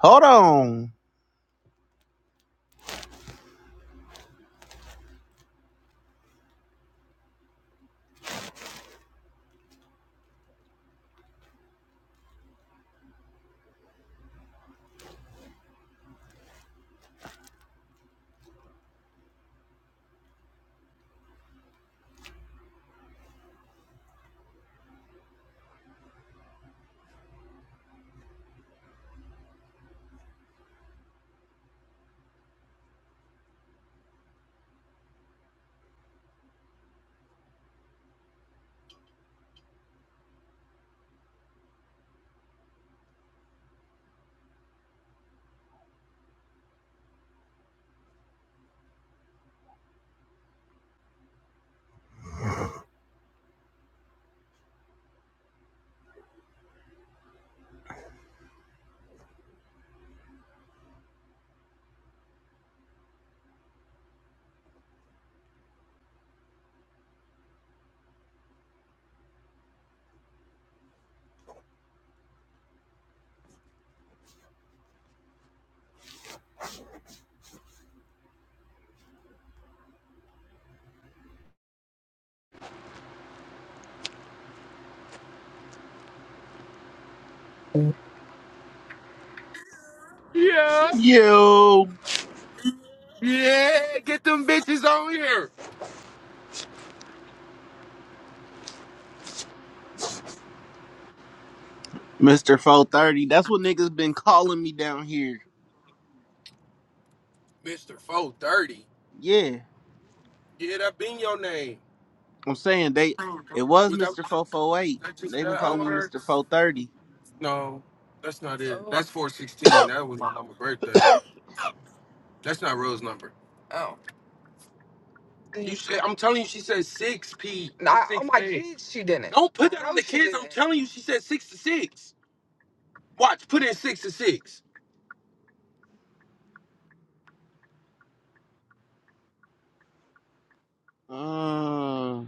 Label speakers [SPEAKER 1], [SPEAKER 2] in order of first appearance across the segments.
[SPEAKER 1] Hold on.
[SPEAKER 2] Yeah,
[SPEAKER 1] Yo,
[SPEAKER 2] yeah, get them bitches on here,
[SPEAKER 1] Mr. 430. That's what niggas been calling me down here.
[SPEAKER 2] Mister Four Thirty.
[SPEAKER 1] Yeah.
[SPEAKER 2] Yeah, that been your name.
[SPEAKER 1] I'm saying they it was
[SPEAKER 2] Was that,
[SPEAKER 1] Mr.
[SPEAKER 2] was
[SPEAKER 1] 448.
[SPEAKER 2] that just
[SPEAKER 1] They've
[SPEAKER 2] that?
[SPEAKER 1] been
[SPEAKER 2] I
[SPEAKER 1] calling me
[SPEAKER 2] work?
[SPEAKER 1] Mr. 430.
[SPEAKER 2] No, that's not it. Oh. That's four sixteen. That was on my birthday. That's not Rose number. Oh, you said I'm telling you, she said six p. Nah, on my kids, she didn't. Don't put that on the No, kids. I'm telling you, she said six to six. Watch, put in six to six.
[SPEAKER 1] Uh,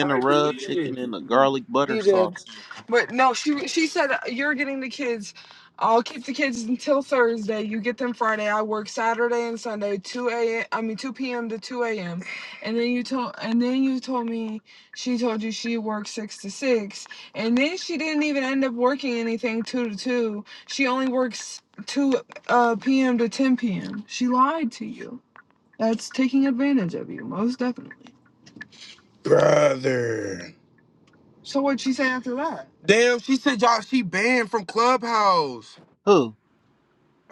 [SPEAKER 2] All right,
[SPEAKER 1] rub
[SPEAKER 2] delete
[SPEAKER 1] chicken
[SPEAKER 2] it.
[SPEAKER 1] and a garlic butter
[SPEAKER 2] You did.
[SPEAKER 1] sauce.
[SPEAKER 2] But no, she she said uh, you're getting the kids. I'll keep the kids until Thursday. You get them Friday. I work Saturday and Sunday, two a. I mean two p.m. to two a.m. And then you told and then you told me she told you she works six to six, and then she didn't even end up working anything two to two. She only works two uh, p.m. to ten p.m. She lied to you. That's taking advantage of you, most definitely. brother. So what'd she say after that? Damn, she said y'all she banned from Clubhouse.
[SPEAKER 1] Who?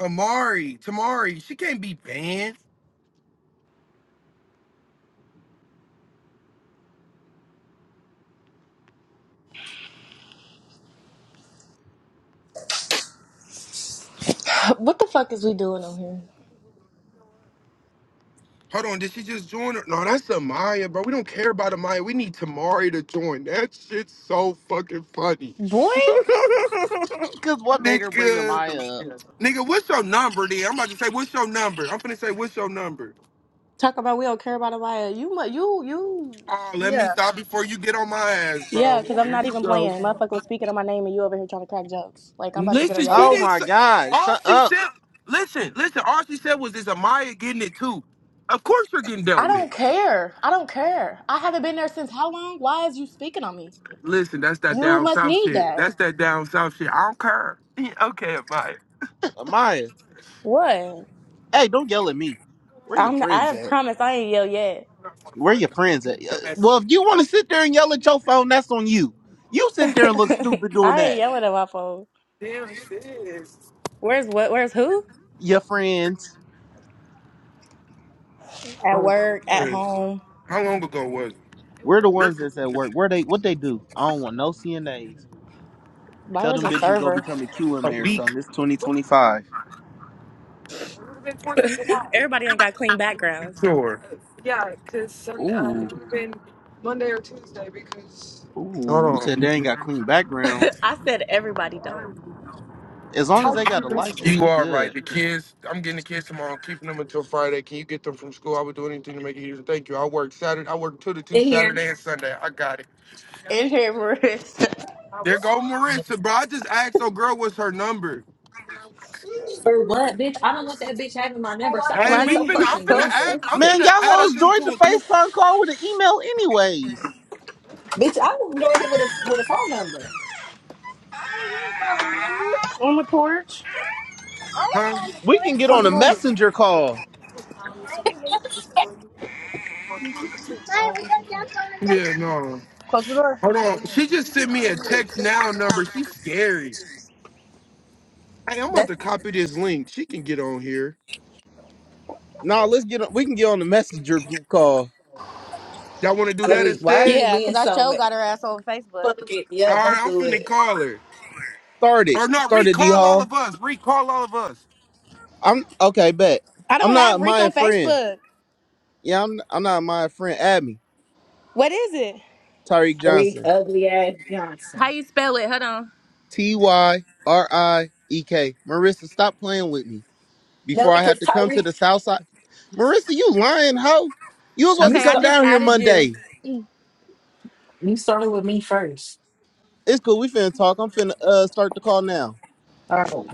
[SPEAKER 2] Amari, Tamari, she can't be banned.
[SPEAKER 3] What the fuck is we doing on here?
[SPEAKER 2] Hold on, did she just join? Her? No, that's Amaya, bro. We don't care about Amaya. We need Tamari to join. That shit's so fucking funny.
[SPEAKER 3] Boy?
[SPEAKER 1] Cause what made her bring
[SPEAKER 2] Nigga,
[SPEAKER 1] Amaya up?
[SPEAKER 2] nigga, what's your number, then? I'm about to say, what's your number? I'm finna say, what's your number?
[SPEAKER 3] Talk about we don't care about Amaya. You, mu- you, you.
[SPEAKER 2] Oh, let me
[SPEAKER 3] Yeah.
[SPEAKER 2] stop before you get on my ass,
[SPEAKER 3] Yeah,
[SPEAKER 2] bro.
[SPEAKER 3] because I'm
[SPEAKER 2] Here
[SPEAKER 3] not
[SPEAKER 2] you
[SPEAKER 3] even playing. Motherfucker was speaking on my name and you over here trying to crack jokes. Like, I'm about to get on
[SPEAKER 2] Listen,
[SPEAKER 3] your
[SPEAKER 2] she
[SPEAKER 1] Oh
[SPEAKER 3] ass.
[SPEAKER 2] didn't.
[SPEAKER 1] my
[SPEAKER 2] Say,
[SPEAKER 1] god,
[SPEAKER 2] all
[SPEAKER 1] shut
[SPEAKER 2] she
[SPEAKER 1] up,
[SPEAKER 2] said, listen, listen. All she said was, "Is Amaya getting it too?" Of course, you're getting
[SPEAKER 3] I
[SPEAKER 2] dealt with.
[SPEAKER 3] don't care. I don't care. I haven't been there since how long? Why is you speaking on me?
[SPEAKER 2] Listen, that's that
[SPEAKER 3] You
[SPEAKER 2] down
[SPEAKER 3] must
[SPEAKER 2] south
[SPEAKER 3] need
[SPEAKER 2] shit.
[SPEAKER 3] that.
[SPEAKER 2] That's that down south shit. I don't care.
[SPEAKER 1] Amaya.
[SPEAKER 3] What?
[SPEAKER 1] Hey, don't yell at me. Where your
[SPEAKER 3] I'm.
[SPEAKER 1] friends
[SPEAKER 3] I
[SPEAKER 1] at?
[SPEAKER 3] promise I ain't yell yet.
[SPEAKER 1] Where your friends at? Uh, Well, if you want to sit there and yell at your phone, that's on you. You sit there and look stupid doing
[SPEAKER 3] I ain't
[SPEAKER 1] that.
[SPEAKER 3] yelling at my phone. Where's what? Where's who?
[SPEAKER 1] Your friends,
[SPEAKER 3] At
[SPEAKER 2] Oh,
[SPEAKER 3] work, at
[SPEAKER 2] man.
[SPEAKER 3] home.
[SPEAKER 2] How long ago was
[SPEAKER 1] we're the
[SPEAKER 2] it?
[SPEAKER 1] ones that's at work. Where they? What they do? I don't want no CNAs. Tell
[SPEAKER 3] Byron's
[SPEAKER 1] them
[SPEAKER 3] a
[SPEAKER 1] bitches go
[SPEAKER 3] server.
[SPEAKER 1] become a
[SPEAKER 2] A
[SPEAKER 1] QMA or
[SPEAKER 2] week.
[SPEAKER 1] something. It's 2025.
[SPEAKER 2] been Fourth of July.
[SPEAKER 3] Everybody ain't got clean backgrounds.
[SPEAKER 2] Sure. Yeah, because um, it
[SPEAKER 1] Ooh,
[SPEAKER 2] would've been Monday or Tuesday because.
[SPEAKER 1] ooh. You
[SPEAKER 2] Hold on.
[SPEAKER 1] said they ain't got clean backgrounds.
[SPEAKER 3] I said everybody don't.
[SPEAKER 1] As long as they got a license,
[SPEAKER 2] You
[SPEAKER 1] we
[SPEAKER 2] are right.
[SPEAKER 1] good.
[SPEAKER 2] The kids, I'm getting the kids tomorrow. I'm keeping them until Friday. Can you get them from school? I would do anything to make it easier. Thank you. I work Saturday. I work two to two
[SPEAKER 4] in here.
[SPEAKER 2] Saturday and Sunday. I got it.
[SPEAKER 3] In here, Marissa.
[SPEAKER 2] There go Marissa, bro. I just asked her girl what's her number.
[SPEAKER 4] For what, bitch? I don't want that bitch having my number. Stop
[SPEAKER 2] Hey,
[SPEAKER 3] My
[SPEAKER 4] being
[SPEAKER 2] we
[SPEAKER 4] so
[SPEAKER 3] name
[SPEAKER 2] finna.
[SPEAKER 3] is
[SPEAKER 2] I'm
[SPEAKER 4] fucking
[SPEAKER 2] finna
[SPEAKER 3] so
[SPEAKER 2] add.
[SPEAKER 4] messy,
[SPEAKER 2] I'm
[SPEAKER 3] aggressive.
[SPEAKER 1] Man,
[SPEAKER 2] finna
[SPEAKER 1] y'all
[SPEAKER 2] add us
[SPEAKER 1] hoes joined the
[SPEAKER 2] into a group,
[SPEAKER 1] FaceTime call with an email anyways.
[SPEAKER 4] bitch. I joined it with a with a phone number.
[SPEAKER 3] On the porch.
[SPEAKER 2] huh?
[SPEAKER 1] We can get on a messenger call.
[SPEAKER 2] Yeah, no.
[SPEAKER 3] Close the door.
[SPEAKER 2] Hold on. She just sent me a text now number. She's scary. Hey, I'm about
[SPEAKER 3] That's
[SPEAKER 2] to copy this link. She can get on here.
[SPEAKER 1] Nah, let's get on. We can get on the messenger group call.
[SPEAKER 2] Y'all want to do that
[SPEAKER 4] Tariq, why are
[SPEAKER 2] instead?
[SPEAKER 4] you
[SPEAKER 3] yeah,
[SPEAKER 4] being
[SPEAKER 3] cause I
[SPEAKER 4] so
[SPEAKER 3] show
[SPEAKER 4] messy?
[SPEAKER 3] got her ass on Facebook.
[SPEAKER 4] Fuck it.
[SPEAKER 2] All
[SPEAKER 4] Yep, let's
[SPEAKER 2] right, I'm
[SPEAKER 4] do
[SPEAKER 2] finna
[SPEAKER 4] it.
[SPEAKER 2] call her.
[SPEAKER 1] Started.
[SPEAKER 2] Or no,
[SPEAKER 1] Started D
[SPEAKER 2] recall all
[SPEAKER 1] Hall.
[SPEAKER 2] of us. Recall all of us.
[SPEAKER 1] I'm okay, bet.
[SPEAKER 3] I
[SPEAKER 1] I'm
[SPEAKER 3] don't have
[SPEAKER 1] not
[SPEAKER 3] Rick
[SPEAKER 1] my
[SPEAKER 3] on
[SPEAKER 1] friend.
[SPEAKER 3] Facebook.
[SPEAKER 1] Yeah, I'm I'm not my friend. Add me.
[SPEAKER 3] What is it?
[SPEAKER 1] Tyreek
[SPEAKER 4] Tariq,
[SPEAKER 1] Johnson.
[SPEAKER 4] ugly ass
[SPEAKER 3] How
[SPEAKER 4] Johnson.
[SPEAKER 3] you spell it? Hold on.
[SPEAKER 1] T Y R I E K. Marissa, stop playing with me.
[SPEAKER 4] No,
[SPEAKER 1] Before I
[SPEAKER 4] because
[SPEAKER 1] have to come to
[SPEAKER 4] Tyree,
[SPEAKER 1] the south side. Marissa, you lying hoe. You was supposed
[SPEAKER 4] you
[SPEAKER 1] to
[SPEAKER 3] Okay, I
[SPEAKER 1] come
[SPEAKER 4] start
[SPEAKER 3] just
[SPEAKER 1] down here
[SPEAKER 3] added you.
[SPEAKER 1] Monday.
[SPEAKER 4] you started with me first.
[SPEAKER 1] It's cool. We finna talk. I'm finna uh start the call now.
[SPEAKER 4] Oh.